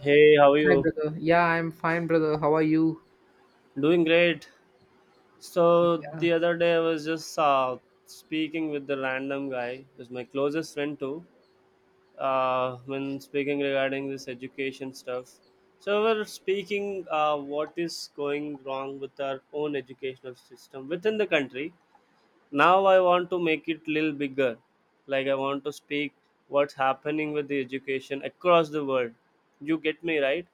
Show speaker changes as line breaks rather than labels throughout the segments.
Hey, how are
Hi,
you?
brother. Yeah, I'm fine, brother. How are you?
Doing great. So
Yeah,
the other day I was just speaking with the random guy, who's my closest friend too. When speaking regarding this education stuff, so we're speaking what is going wrong with our own educational system within the country. Now I want to make it little bigger, like I want to speak what's happening with the education across the world. You get me right?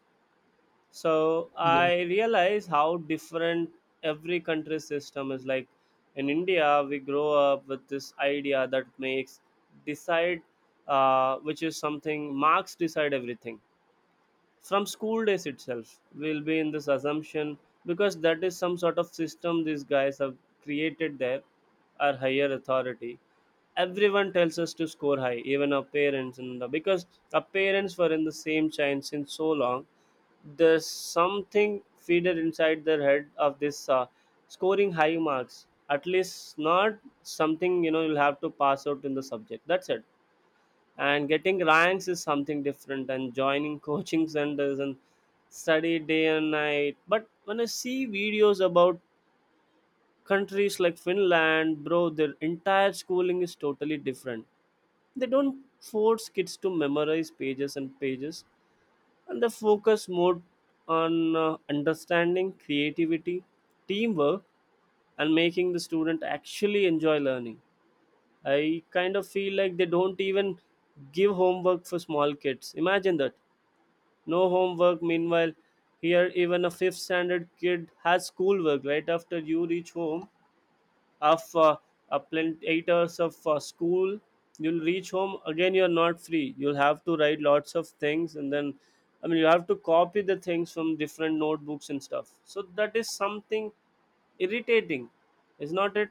So
yeah,
I realize how different every country's system is. Like in India, we grow up with this idea that makes decide, which is something marks decide everything from school days itself. We'll be in this assumption because that is some sort of system these guys have created there, our higher authority. Everyone tells us to score high, even our parents, and because our parents were in the same chain since so long there's something feeder inside their head of this scoring high marks. At least not something you'll have to pass out in the subject. That's it. And getting ranks is something different, and joining coaching centers and study day and night. But when I see videos about countries like Finland, bro, their entire schooling is totally different. They don't force kids to memorize pages and pages and the focus more on understanding creativity, teamwork, and making the student actually enjoy learning. I kind of feel like they don't even give homework for small kids. Imagine that, no homework. Meanwhile here even a fifth standard kid has schoolwork right after you reach home of plenty 8 hours of school. You'll reach home again, you're not free, you'll have to write lots of things and then I mean you have to copy the things from different notebooks and stuff, so that is something irritating, is not it?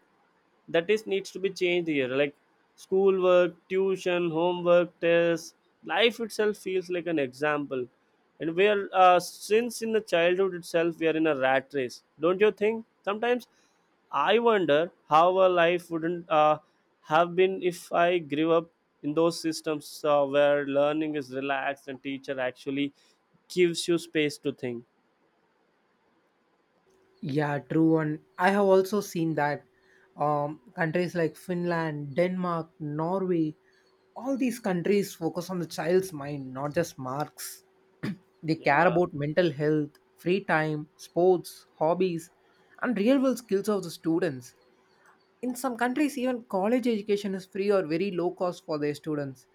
That is needs to be changed here, like schoolwork, tuition, homework, tests, life itself feels like an example. And we are since in the childhood itself we are in a rat race. Don't you think sometimes I wonder how our life wouldn't have been if I grew up in those systems where learning is relaxed and teacher actually gives you space to think?
yeah, True. And I have also seen that countries like Finland, Denmark, Norway, all these countries focus on the child's mind, not just marks. They care
Yeah.
about mental health, free time, sports, hobbies, and real world skills of the students. In some countries, even college education is free or very low cost for their students.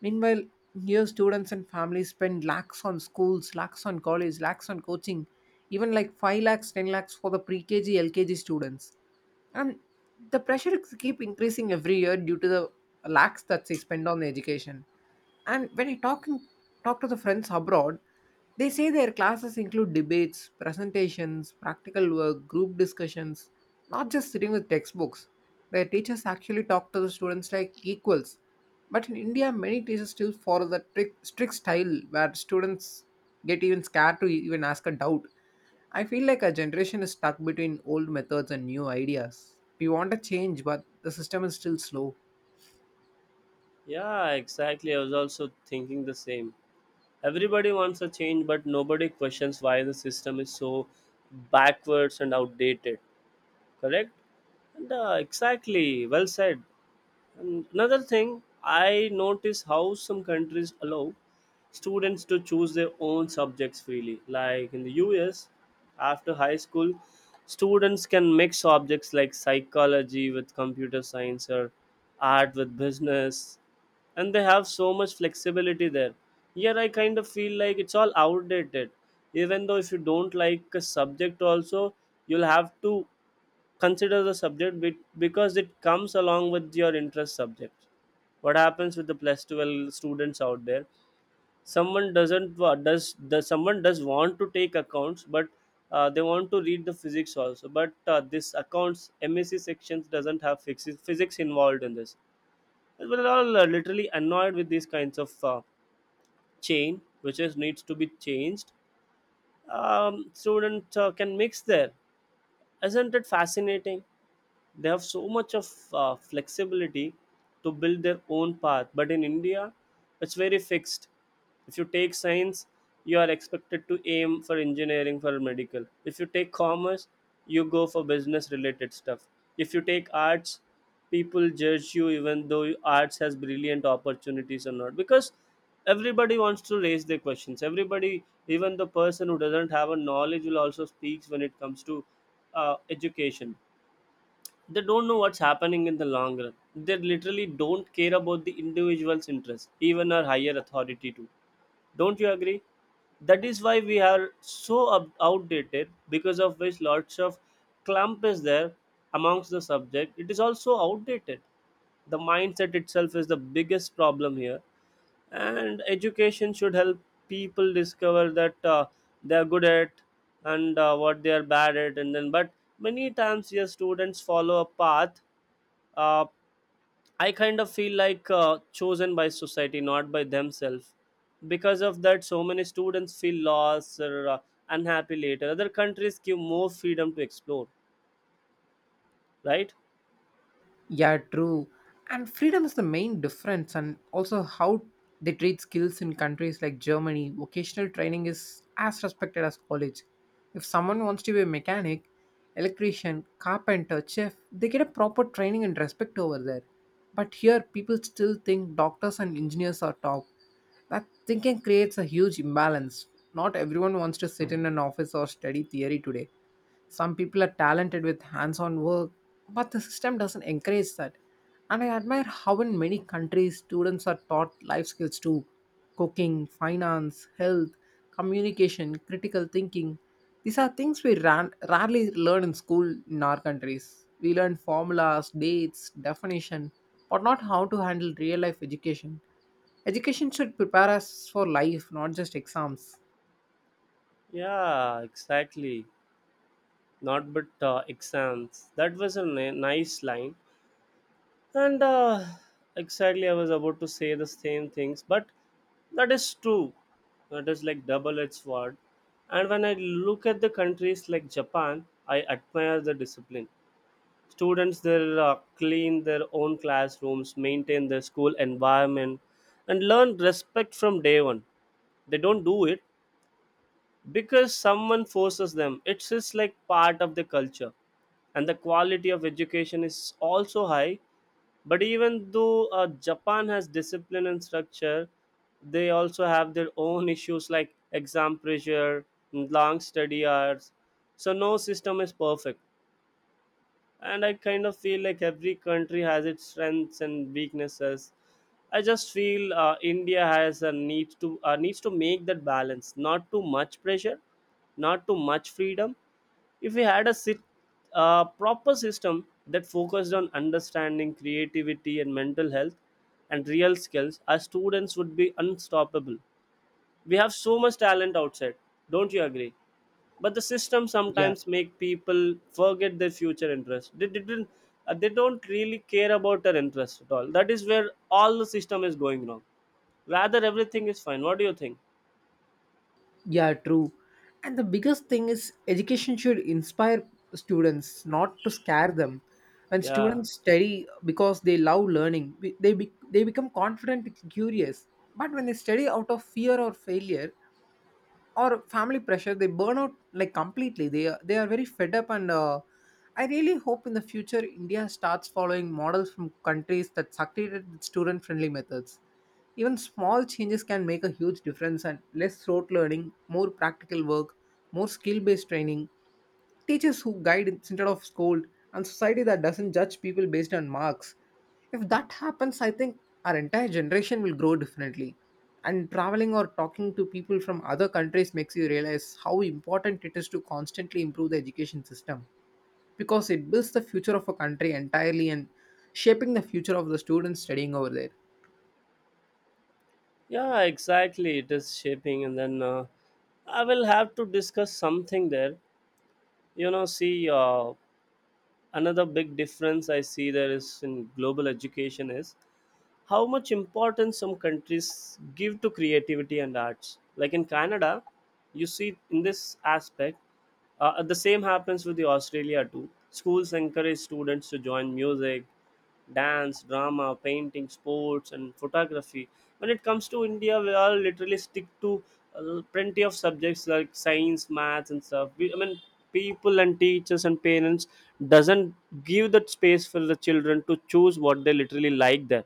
Meanwhile, here students and families spend lakhs on schools, lakhs on college, lakhs on coaching, even like 5 lakhs, 10 lakhs for the pre KG, LKG students, and the pressure is keep increasing every year due to the lakhs that they spend on education. And when I talk in, talk to the friends abroad, they say their classes include debates, presentations, practical work, group discussions, not just sitting with textbooks. Their teachers actually talk to the students like equals, but in India many teachers still follow the strict style where students get even scared to even ask a doubt. I feel like our generation is stuck between old methods and new ideas. We want a change, but the system is still slow.
Yeah exactly, I was also thinking the same. Everybody wants a change, but nobody questions why the system is so backwards and outdated. Correct? And, exactly. Well said. And another thing, I notice how some countries allow students to choose their own subjects freely. Like in the US, after high school, students can mix subjects like psychology with computer science or art with business, and they have so much flexibility there. Here, I kind of feel like it's all outdated. Even though if you don't like a subject, also you'll have to consider the subject because it comes along with your interest subject. What happens with the plus 12 students out there? Someone doesn't wa- does someone does want to take accounts, but they want to read the physics also. But this accounts MSc sections doesn't have physics involved in this. We're all literally annoyed with these kinds of chain, which is needs to be changed. Students can mix there. Isn't it fascinating? They have so much of flexibility to build their own path, but in India it's very fixed. If you take science, you are expected to aim for engineering, for medical. If you take commerce, you go for business related stuff. If you take arts, people judge you, even though arts has brilliant opportunities or not, because everybody wants to raise their questions. Everybody, even the person who doesn't have a knowledge will also speaks when it comes to education. They don't know what's happening in the long run. They literally don't care about the individual's interest, even our higher authority too. Don't you agree? That is why we are so outdated, because of which lots of clump is there amongst the subject. It is also outdated. The mindset itself is the biggest problem here, and education should help people discover that they are good at and what they are bad at and then, but many times yes students follow a path uh, I kind of feel like chosen by society, not by themselves. Because of that so many students feel lost or unhappy later. Other countries give more freedom to explore, right?
Yeah, true. And freedom is the main difference, and also how they treat skills in countries like Germany. Vocational training is as respected as college. If someone wants to be a mechanic, electrician, carpenter, chef, they get a proper training and respect over there. But here, people still think doctors and engineers are top. That thinking creates a huge imbalance. Not everyone wants to sit in an office or study theory today. Some people are talented with hands on work, but the system doesn't encourage that. And I admire how in many countries students are taught life skills too: cooking, finance, health, communication, critical thinking. These are things we rarely learn in school in our countries. We learn formulas, dates, definition, but not how to handle real life education. Education should prepare us for life, not just exams.
Yeah exactly, not but exams, that was a nice line. And exactly, I was about to say the same things, but that is true. That is like double-edged sword. And when I look at the countries like Japan, I admire the discipline. Students there clean their own classrooms, maintain their school environment, and learn respect from day one. They don't do it because someone forces them. It's just like part of the culture, and the quality of education is also high. But even though Japan has discipline and structure, they also have their own issues like exam pressure, long study hours. So no system is perfect, and I kind of feel like every country has its strengths and weaknesses. I just feel India has a need to needs to make that balance. Not too much pressure, not too much freedom. If we had a proper system that focused on understanding, creativity and mental health and real skills, our students would be unstoppable. We have so much talent outside. Don't you agree? But the system
Yeah.
sometimes make people forget their future interests. They didn't they don't really care about their interests at all. That is where all the system is going wrong, rather everything is fine. What do you think?
Yeah, true. And the biggest thing is education should inspire students, not to scare them. When
Yeah.
students study because they love learning, they become confident and curious. But when they study out of fear or failure, or family pressure, they burn out, like completely. They are very fed up and I really hope in the future India starts following models from countries that succeeded with student friendly methods. Even small changes can make a huge difference, and less rote learning, more practical work, more skill based training. Teachers who guide instead of scold, and society that doesn't judge people based on marks. If that happens, I think our entire generation will grow differently. And traveling or talking to people from other countries makes you realize how important it is to constantly improve the education system, because it builds the future of a country entirely and shaping the future of the students studying over there.
Yeah exactly, it is shaping. And then I will have to discuss something there, you know. See, another big difference I see there is in global education is how much importance some countries give to creativity and arts. Like in Canada, you see in this aspect, the same happens with the Australia too. Schools encourage students to join music, dance, drama, painting, sports, and photography. When it comes to India, we all literally stick to plenty of subjects like science, maths, and stuff. We, I mean, people and teachers and parents doesn't give that space for the children to choose what they literally like there.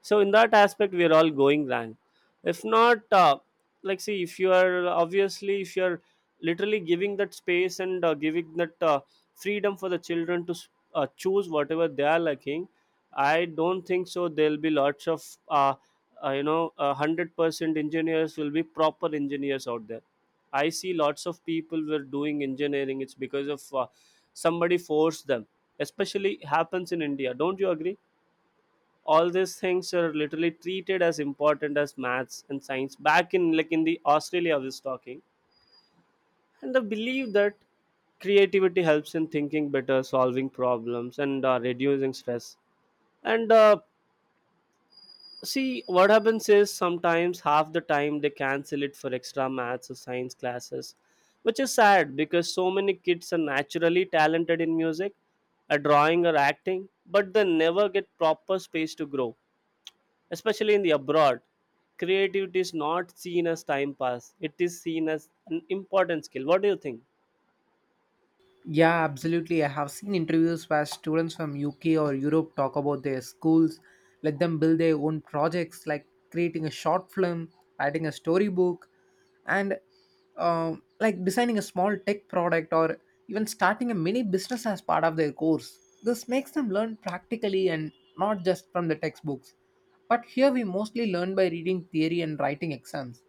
So in that aspect we are all going wrong. If not like see if you are, obviously if you are literally giving that space and giving that freedom for the children to choose whatever they are liking, I don't think so there'll be lots of uh, 100% engineers will be proper engineers out there. I see lots of people were doing engineering, it's because of somebody forced them. Especially happens in India, don't you agree? All these things are literally treated as important as maths and science back in, like in the Australia I was talking. And the belief that creativity helps in thinking better, solving problems and reducing stress. And see what happens is sometimes half the time they cancel it for extra maths or science classes, which is sad because so many kids are naturally talented in music, a drawing or acting, but they never get proper space to grow. Especially in the abroad, creativity is not seen as time pass. It is seen as an important skill. What do you think?
Yeah, absolutely. I have seen interviews where students from UK or Europe talk about their schools, let them build their own projects like creating a short film, writing a storybook, and like designing a small tech product or even starting a mini business as part of their course. This makes them learn practically and not just from the textbooks. But here we mostly learn by reading theory and writing exams.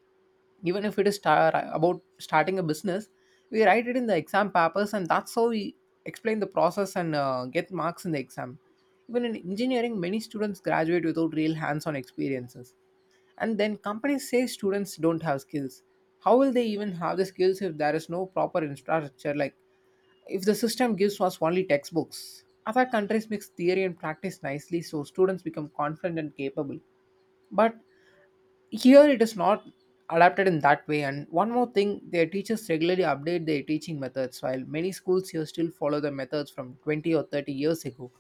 Even if it is about starting a business, we write it in the exam papers, and that's how we explain the process and get marks in the exam. Even in engineering, many students graduate without real hands-on experiences, and then companies say students don't have skills. How will they even have the skills if there is no proper infrastructure? Like if the system gives us only textbooks, other countries mix theory and practice nicely, so students become confident and capable. But here it is not adapted in that way. And one more thing, their teachers regularly update their teaching methods while many schools here still follow the methods from 20 or 30 years ago.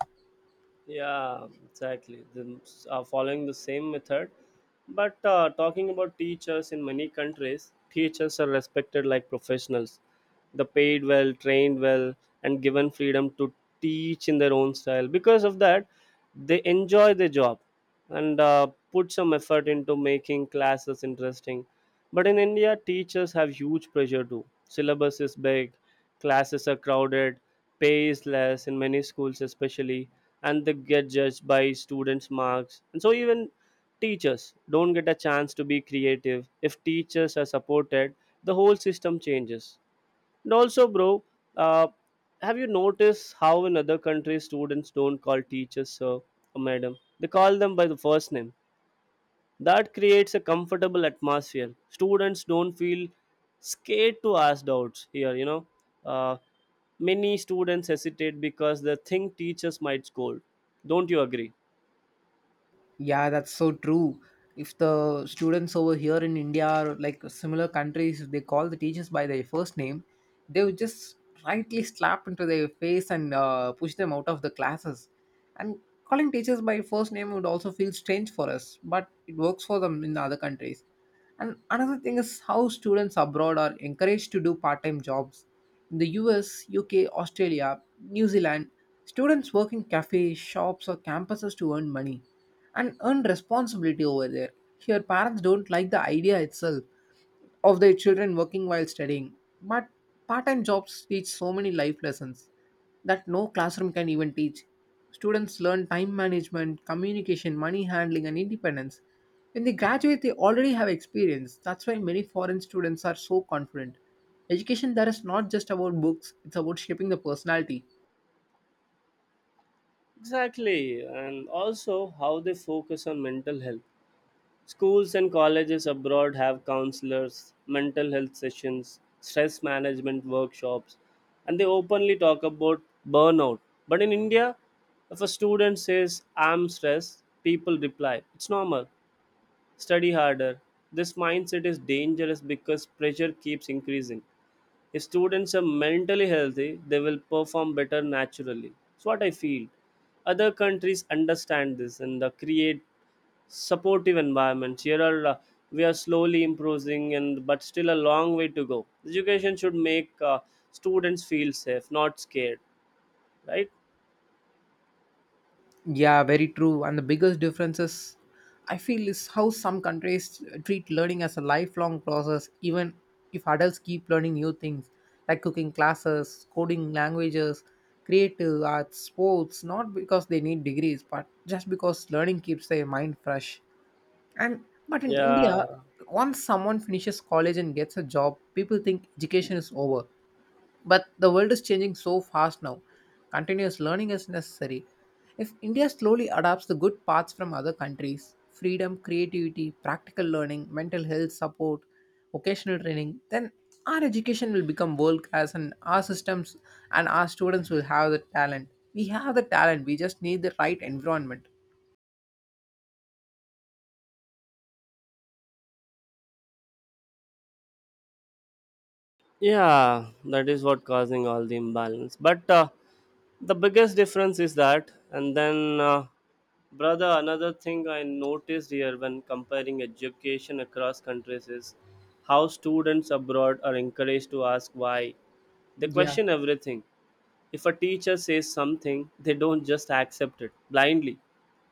Yeah, exactly. Then following the same method, but talking about teachers in many countries, teachers are respected like professionals. They paid well, trained well, and given freedom to teach in their own style. Because of that, they enjoy their job and put some effort into making classes interesting. But in India, teachers have huge pressure too. Syllabus is big, classes are crowded, pay is less in many schools, especially, and they get judged by students marks, and so even teachers don't get a chance to be creative. If teachers are supported, the whole system changes. And also bro, uh, have you noticed how in other countries students don't call teachers sir or madam, they call them by the first name? That creates a comfortable atmosphere. Students don't feel scared to ask doubts here, you know. Uh, Many students hesitate because they think teachers might scold. Don't you agree?
Yeah, that's so true. If the students over here in India or like similar countries, if they call the teachers by their first name, they would just rightly slap into their face and push them out of the classes. And calling teachers by first name would also feel strange for us, but it works for them in other countries. And another thing is how students abroad are encouraged to do part time jobs. In the US, UK, Australia, New Zealand, students work in cafes, shops, or campuses to earn money and earn responsibility over there. Here, parents don't like the idea itself of their children working while studying, but part time jobs teach so many life lessons that no classroom can even teach. Students learn time management, communication, money handling, and independence. When they graduate, they already have experience. That's why many foreign students are so confident. Education there is not just about books, it's about shaping the personality.
Exactly. And also, how they focus on mental health. Schools and colleges abroad have counselors, mental health sessions, stress management workshops, and they openly talk about burnout. But in India, if a student says, I'm stressed, people reply, It's normal, study harder. This mindset is dangerous because pressure keeps increasing. If students are mentally healthy, they will perform better naturally. That's what I feel other countries understand this and create supportive environments. Here are we are slowly improving and but still a long way to go. Education should make students feel safe, not scared, right?
Yeah, very true. And the biggest differences I feel is how some countries treat learning as a lifelong process, even if adults keep learning new things like cooking classes, coding languages, creative arts, sports, not because they need degrees, but just because learning keeps their mind fresh. And but in India,
Yeah,
once someone finishes college and gets a job, people think education is over. But the world is changing so fast now. Continuous learning is necessary. If India slowly adopts the good parts from other countries, freedom, creativity, practical learning, mental health support, vocational training, then our education will become world class, and our systems and our students will have the talent. We have the talent, we just need the right environment.
yeah, that is what causing all the imbalance, but the biggest difference is that. And then Brother, another thing I noticed here when comparing education across countries is how students abroad are encouraged to ask why. They
Yeah.
question everything. If a teacher says something, they don't just accept it blindly.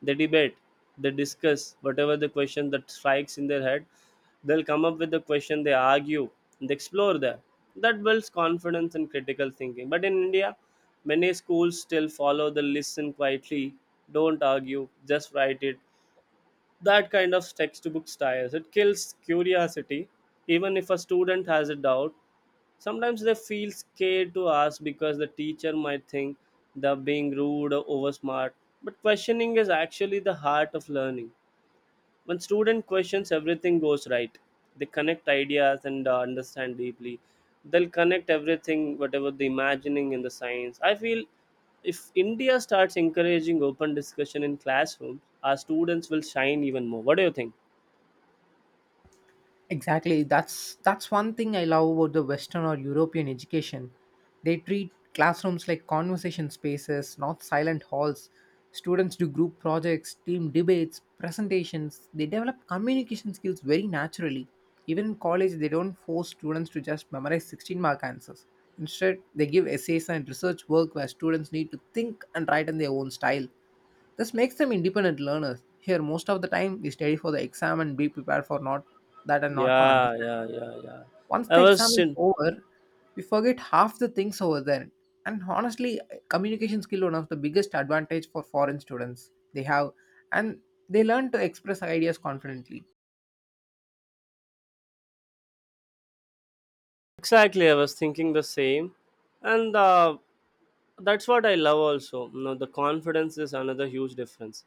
They debate, they discuss whatever the question that strikes in their head. They'll come up with the question, they argue, and they explore that. That builds confidence and critical thinking. But in India, many schools still follow the listen quietly, don't argue, just write it. That kind of textbook styles. It kills curiosity. Even if a student has a doubt, sometimes they feel scared to ask because the teacher might think they're being rude or oversmart. But questioning is actually the heart of learning. When student questions, everything goes right. They connect ideas and understand deeply. They'll connect everything, whatever the imagining in the science. I feel if India starts encouraging open discussion in classrooms, our students will shine even more. What do you think?
Exactly. That's one thing I love about the Western or European education. They treat classrooms like conversation spaces, not silent halls. Students do group projects, team debates, presentations. They develop communication skills very naturally. Even in college, they don't force students to just memorize 16 mark answers. Instead, they give essays and research work where students need to think and write in their own style. This makes them independent learners. Here, most of the time, we study for the exam and be prepared for not that and not for
Yeah,
understanding.
yeah, yeah, yeah.
Once
I
the exam
was
is
in.
over, we forget half the things over there. And honestly, communication skill one of the biggest advantage for foreign students they have, and they learn to express ideas confidently.
Exactly, I was thinking the same, and that's what I love. Also, you know, the confidence is another huge difference.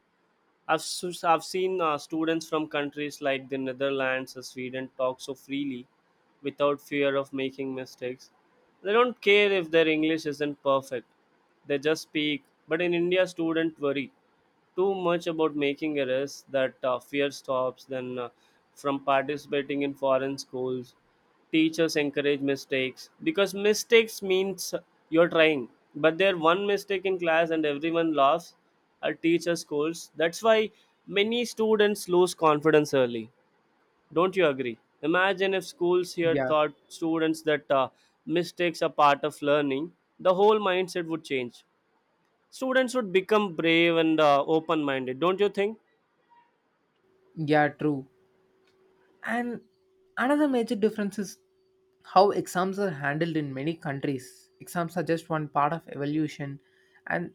I've seen students from countries like the Netherlands or Sweden talk so freely, without fear of making mistakes. They don't care if their english isn't perfect, they just speak. But in India, students worry too much about making errors. That fear stops them from participating. In foreign schools, teachers encourage mistakes because mistakes means you're trying. But there, one mistake in class and everyone laughs at, teacher scolds. That's why many students lose confidence early, don't you agree? Imagine if schools here
Yeah,
taught students that mistakes are part of learning, the whole mindset would change. Students would become brave and open minded, don't you think?
yeah, true. And another major difference is how exams are handled. In many countries, exams are just one part of evolution, and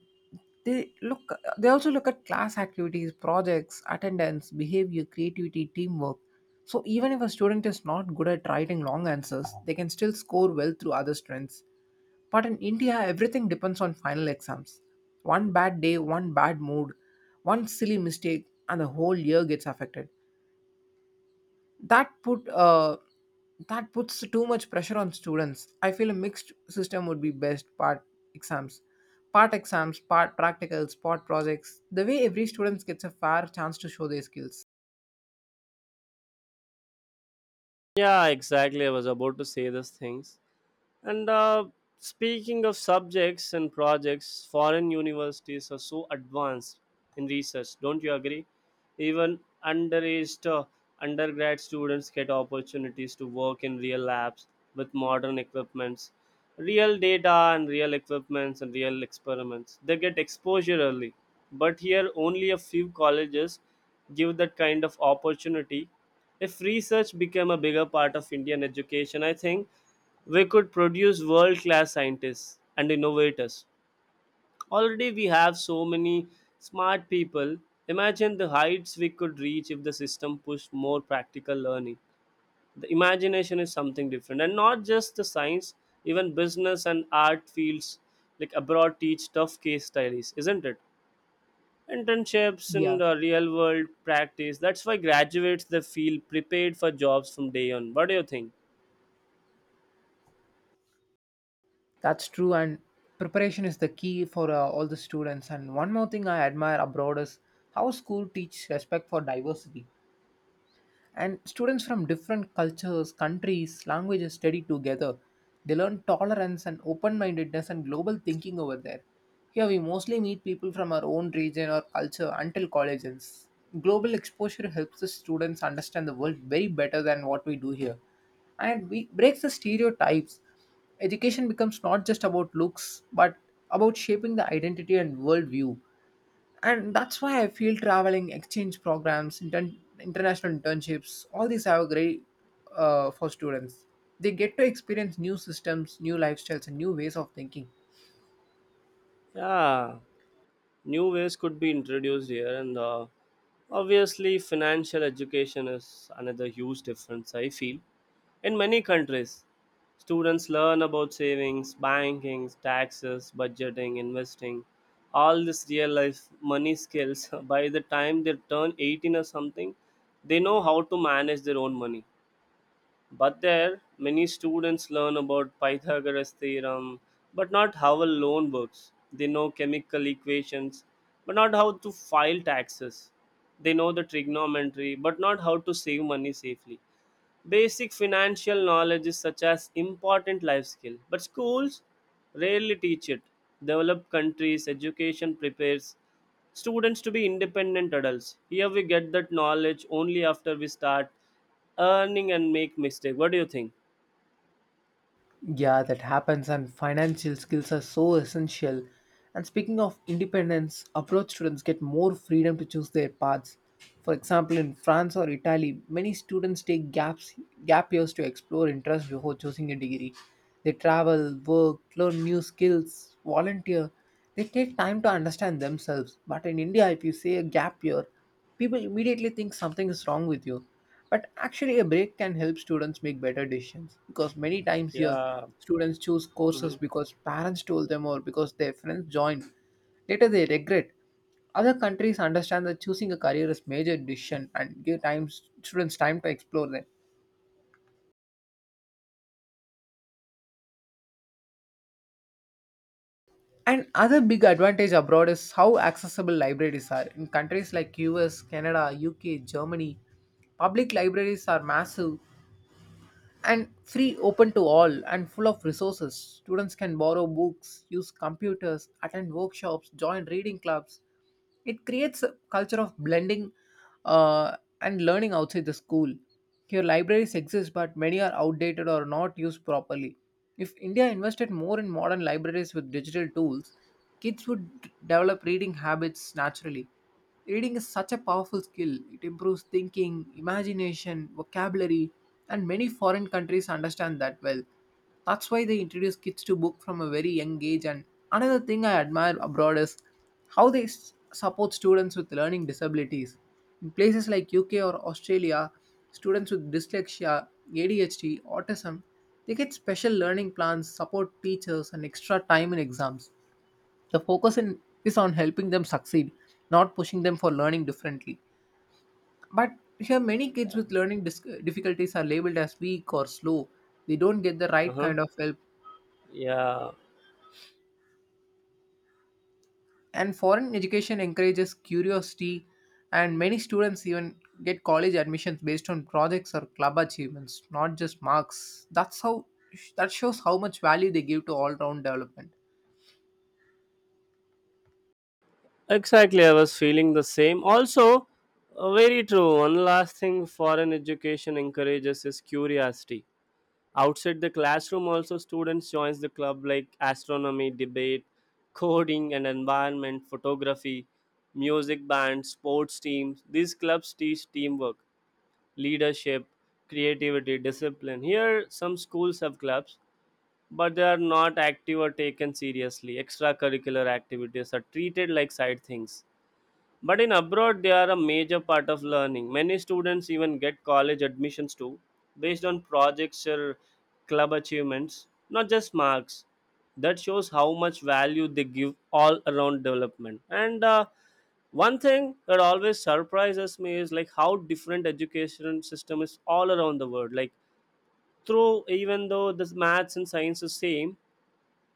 they look they also look at class activities, projects, attendance, behavior, creativity, teamwork. So even if a student is not good at writing long answers, they can still score well through other strengths. But in India everything depends on final exams. One bad day, one bad mood, one silly mistake, and the whole year gets affected. that put uh, that puts too much pressure on students. I feel a mixed system would be best: exams part exams, part practicals, part projects, the way every student gets a fair chance to show their skills.
Yeah, exactly. I was about to say these things. And Speaking of subjects and projects, foreign universities are so advanced in research. Don't you agree? Even underaged undergrad students get opportunities to work in real labs with modern equipments, real data and real equipments and real experiments. They get exposure early. But here, only a few colleges give that kind of opportunity. If research became a bigger part of Indian education, I think we could produce world class scientists and innovators. Already, we have so many smart people. Imagine the heights we could reach if the system pushed more practical learning. The imagination is something different, and not just the science, even business and art fields like abroad teach tough case studies, isn't it? Internships
Yeah,
and real world practice. That's why graduates they feel prepared for jobs from day on. What do you think?
that's true. And preparation is the key for all the students. And one more thing I admire abroad is how school teach respect for diversity. And students from different cultures, countries, languages study together. They learn tolerance and open mindedness and global thinking over there. Here we mostly meet people from our own region or culture until college ends. Global exposure helps the students understand the world very better than what we do here. And we breaks the stereotypes. Education becomes not just about looks, but about shaping the identity and worldview. And that's why I feel traveling, exchange programs, international internships, all these are great for students. They get to experience new systems, new lifestyles, and new ways of thinking.
Yeah. New ways could be introduced here, and obviously financial education is another huge difference I feel. In many countries, students learn about savings, banking, taxes, budgeting, investing, all this real life money skills by the time they turn 18 or something. They know how to manage their own money. But there, many students learn about Pythagoras theorem, but not how a loan works. They know chemical equations, but not how to file taxes. They know the trigonometry, but not how to save money safely. Basic financial knowledge is such as important life skill, but schools rarely teach it. Developed countries education prepares students to be independent adults. Here we get that knowledge only after we start earning and make mistake. What do you think?
Yeah, that happens, and financial skills are so essential. And speaking of independence, abroad students get more freedom to choose their paths. For example, in France or Italy, many students take gap years to explore interests before choosing a degree. They travel, work, learn new skills, volunteer. They take time to understand themselves. But in India, if you say a gap year, people immediately think something is wrong with you. But actually, a break can help students make better decisions, because many times here
Yeah.
students choose courses
Mhm.
because parents told them or because their friends joined. Later, they regret. Other countries understand that choosing a career is major decision and give time students time to explore them. And other big advantage abroad is how accessible libraries are. In countries like US, Canada, UK, Germany, public libraries are massive and free, open to all, and full of resources. Students can borrow books, use computers, attend workshops, join reading clubs. It creates a culture of blending and learning outside the school. Here libraries exist but many are outdated or not used properly. If india invested more in modern libraries with digital tools, kids would develop reading habits naturally. Reading is such a powerful skill. It improves thinking, imagination, vocabulary, and many foreign countries understand that well. That's why they introduce kids to book from a very young age. And another thing I admire abroad is how they support students with learning disabilities. In places like UK or Australia, students with dyslexia, ADHD, autism, they get special learning plans, support teachers, and extra time in exams. The is on helping them succeed, not pushing them for learning differently. But here, many kids with learning difficulties are labeled as weak or slow. They don't get the right
Uh-huh.
kind of help.
Yeah,
And foreign education encourages curiosity, and many students even get college admissions based on projects or club achievements, not just marks. That shows how much value they give to all round development.
exactly. I was feeling the same. Also, very true. One last thing foreign education encourages is curiosity. Outside the classroom also, students joins the club like astronomy, debate, coding and environment, photography, music bands, sports teams. These clubs teach teamwork, leadership, creativity, discipline. Here some schools have clubs, but they are not active or taken seriously. Extracurricular activities are treated like side things, but in abroad, they are a major part of learning. Many students even get college admissions too, based on projects or club achievements, not just marks. That shows how much value they give all around development. And One thing that always surprises me is like how different education system is all around the world. Like through even though the maths and science is same,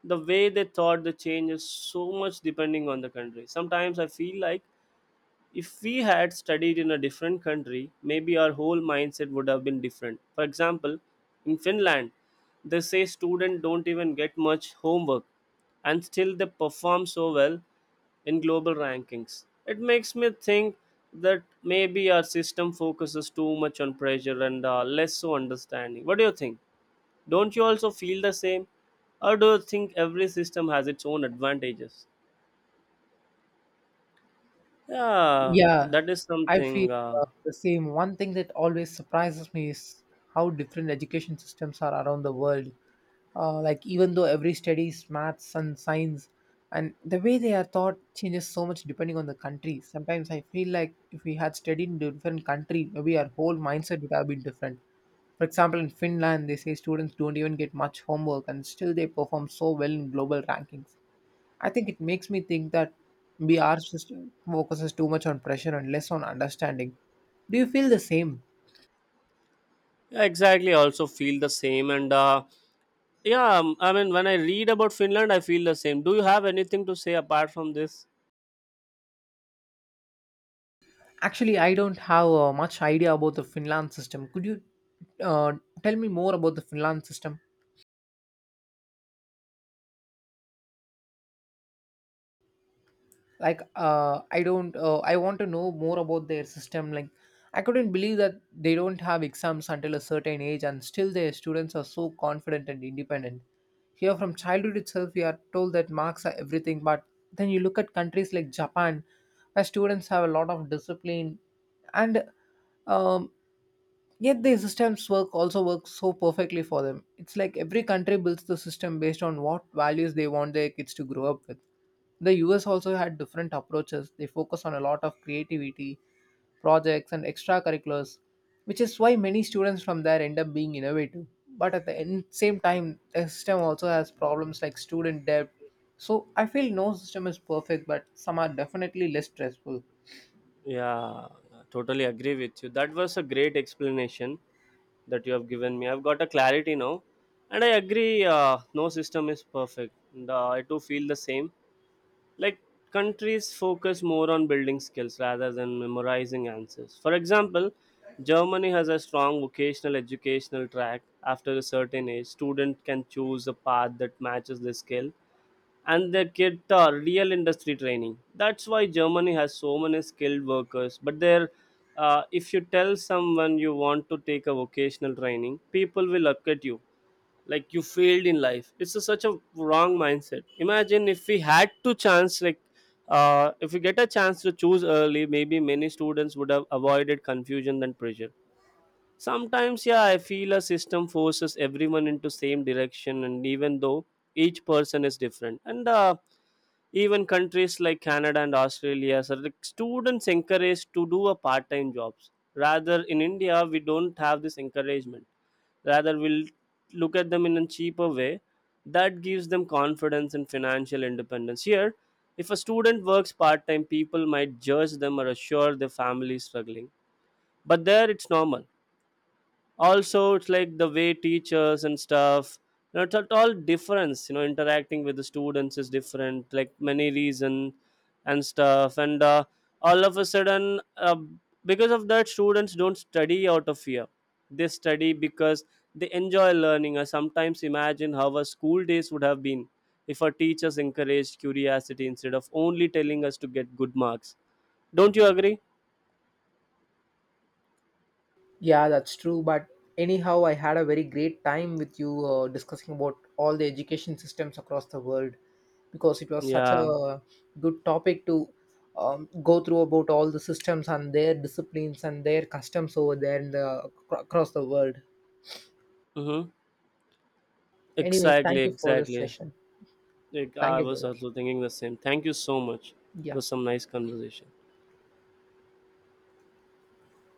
the way they thought the change is so much depending on the country. Sometimes I feel like if we had studied in a different country, maybe our whole mindset would have been different. For example, in Finland, they say students don't even get much homework and still they perform so well in global rankings. It makes me think that maybe our system focuses too much on pressure and less so understanding. What do you think? Don't you also feel the same? Or do you think every system has its own advantages? Yeah,
Yeah,
that is
I feel
something.
the same. One thing that always surprises me is how different education systems are around the world. Like, even though every studies maths and science, and the way they are taught changes so much depending on the country. Sometimes I feel like if we had studied in a different country, maybe our whole mindset would have been different. For example, in Finland, they say students don't even get much homework, and still they perform so well in global rankings. I think it makes me think that BR system focuses too much on pressure and less on understanding. Do you feel the same?
Yeah, exactly. I also feel the same. And Yeah, I mean, when I read about Finland, I feel the same. Do you have anything to say apart from this?
Actually, I don't have much idea about the Finland system. Could you uh, tell me more about the Finland system? Like I don't I want to know more about their system, like I couldn't believe that they don't have exams until a certain age and still their students are so confident and independent. Here from childhood itself we are told that marks are everything, but then you look at countries like japan, where students have a lot of discipline and um, yet the systems work also works so perfectly for them. It's like every country builds the system based on what values they want their kids to grow up with. The US also had different approaches. They focus on a lot of creativity, projects and extracurriculars, which is why many students from there end up being innovative. But at the end, same time, the system also has problems like student debt. So I feel no system is perfect, but some are definitely less stressful.
Yeah, totally agree with you. That was a great explanation that you have given me. I've got a clarity now. And I agree, no system is perfect. And, I too feel the same. Like countries focus more on building skills rather than memorizing answers. For example, Germany has a strong vocational educational track. After a certain age, student can choose a path that matches their skill and their kid are real industry training. That's why Germany has so many skilled workers. But there, if you tell someone you want to take a vocational training, people will look at you like you failed in life. It's a, such a wrong mindset. Imagine if we had to chance, like if we get a chance to choose early, maybe many students would have avoided confusion and pressure sometimes. Yeah, I feel a system forces everyone into same direction and even though each person is different and even countries like Canada and Australia so the students encouraged to do a part-time jobs. Rather in India we don't have this encouragement, rather we'll look at them in a cheaper way. That gives them confidence and financial independence. Here, if a student works part-time, people might judge them or assure their family is struggling, but there it's normal. Also it's like the way teachers and stuff, you know, it's at all difference, you know, interacting with the students is different, like many reason and stuff and all of a sudden because of that, students don't study out of fear. They study because they enjoy learning. I sometimes imagine how our school days would have been if our teachers encouraged curiosity instead of only telling us to get good marks. Don't you agree?
Yeah, that's true. But anyhow, I had a very great time with you discussing about all the education systems across the world, because it was such
Yeah.
a good topic to go through about all the systems and their disciplines and their customs over there in the across the world.
mm-hmm.
Anyways,
Exactly,
thank you for this
exactly.
session.
Like
Thank
I
you,
was
brother.
also thinking the same. Thank you so much. It
Yeah.
was some nice conversation.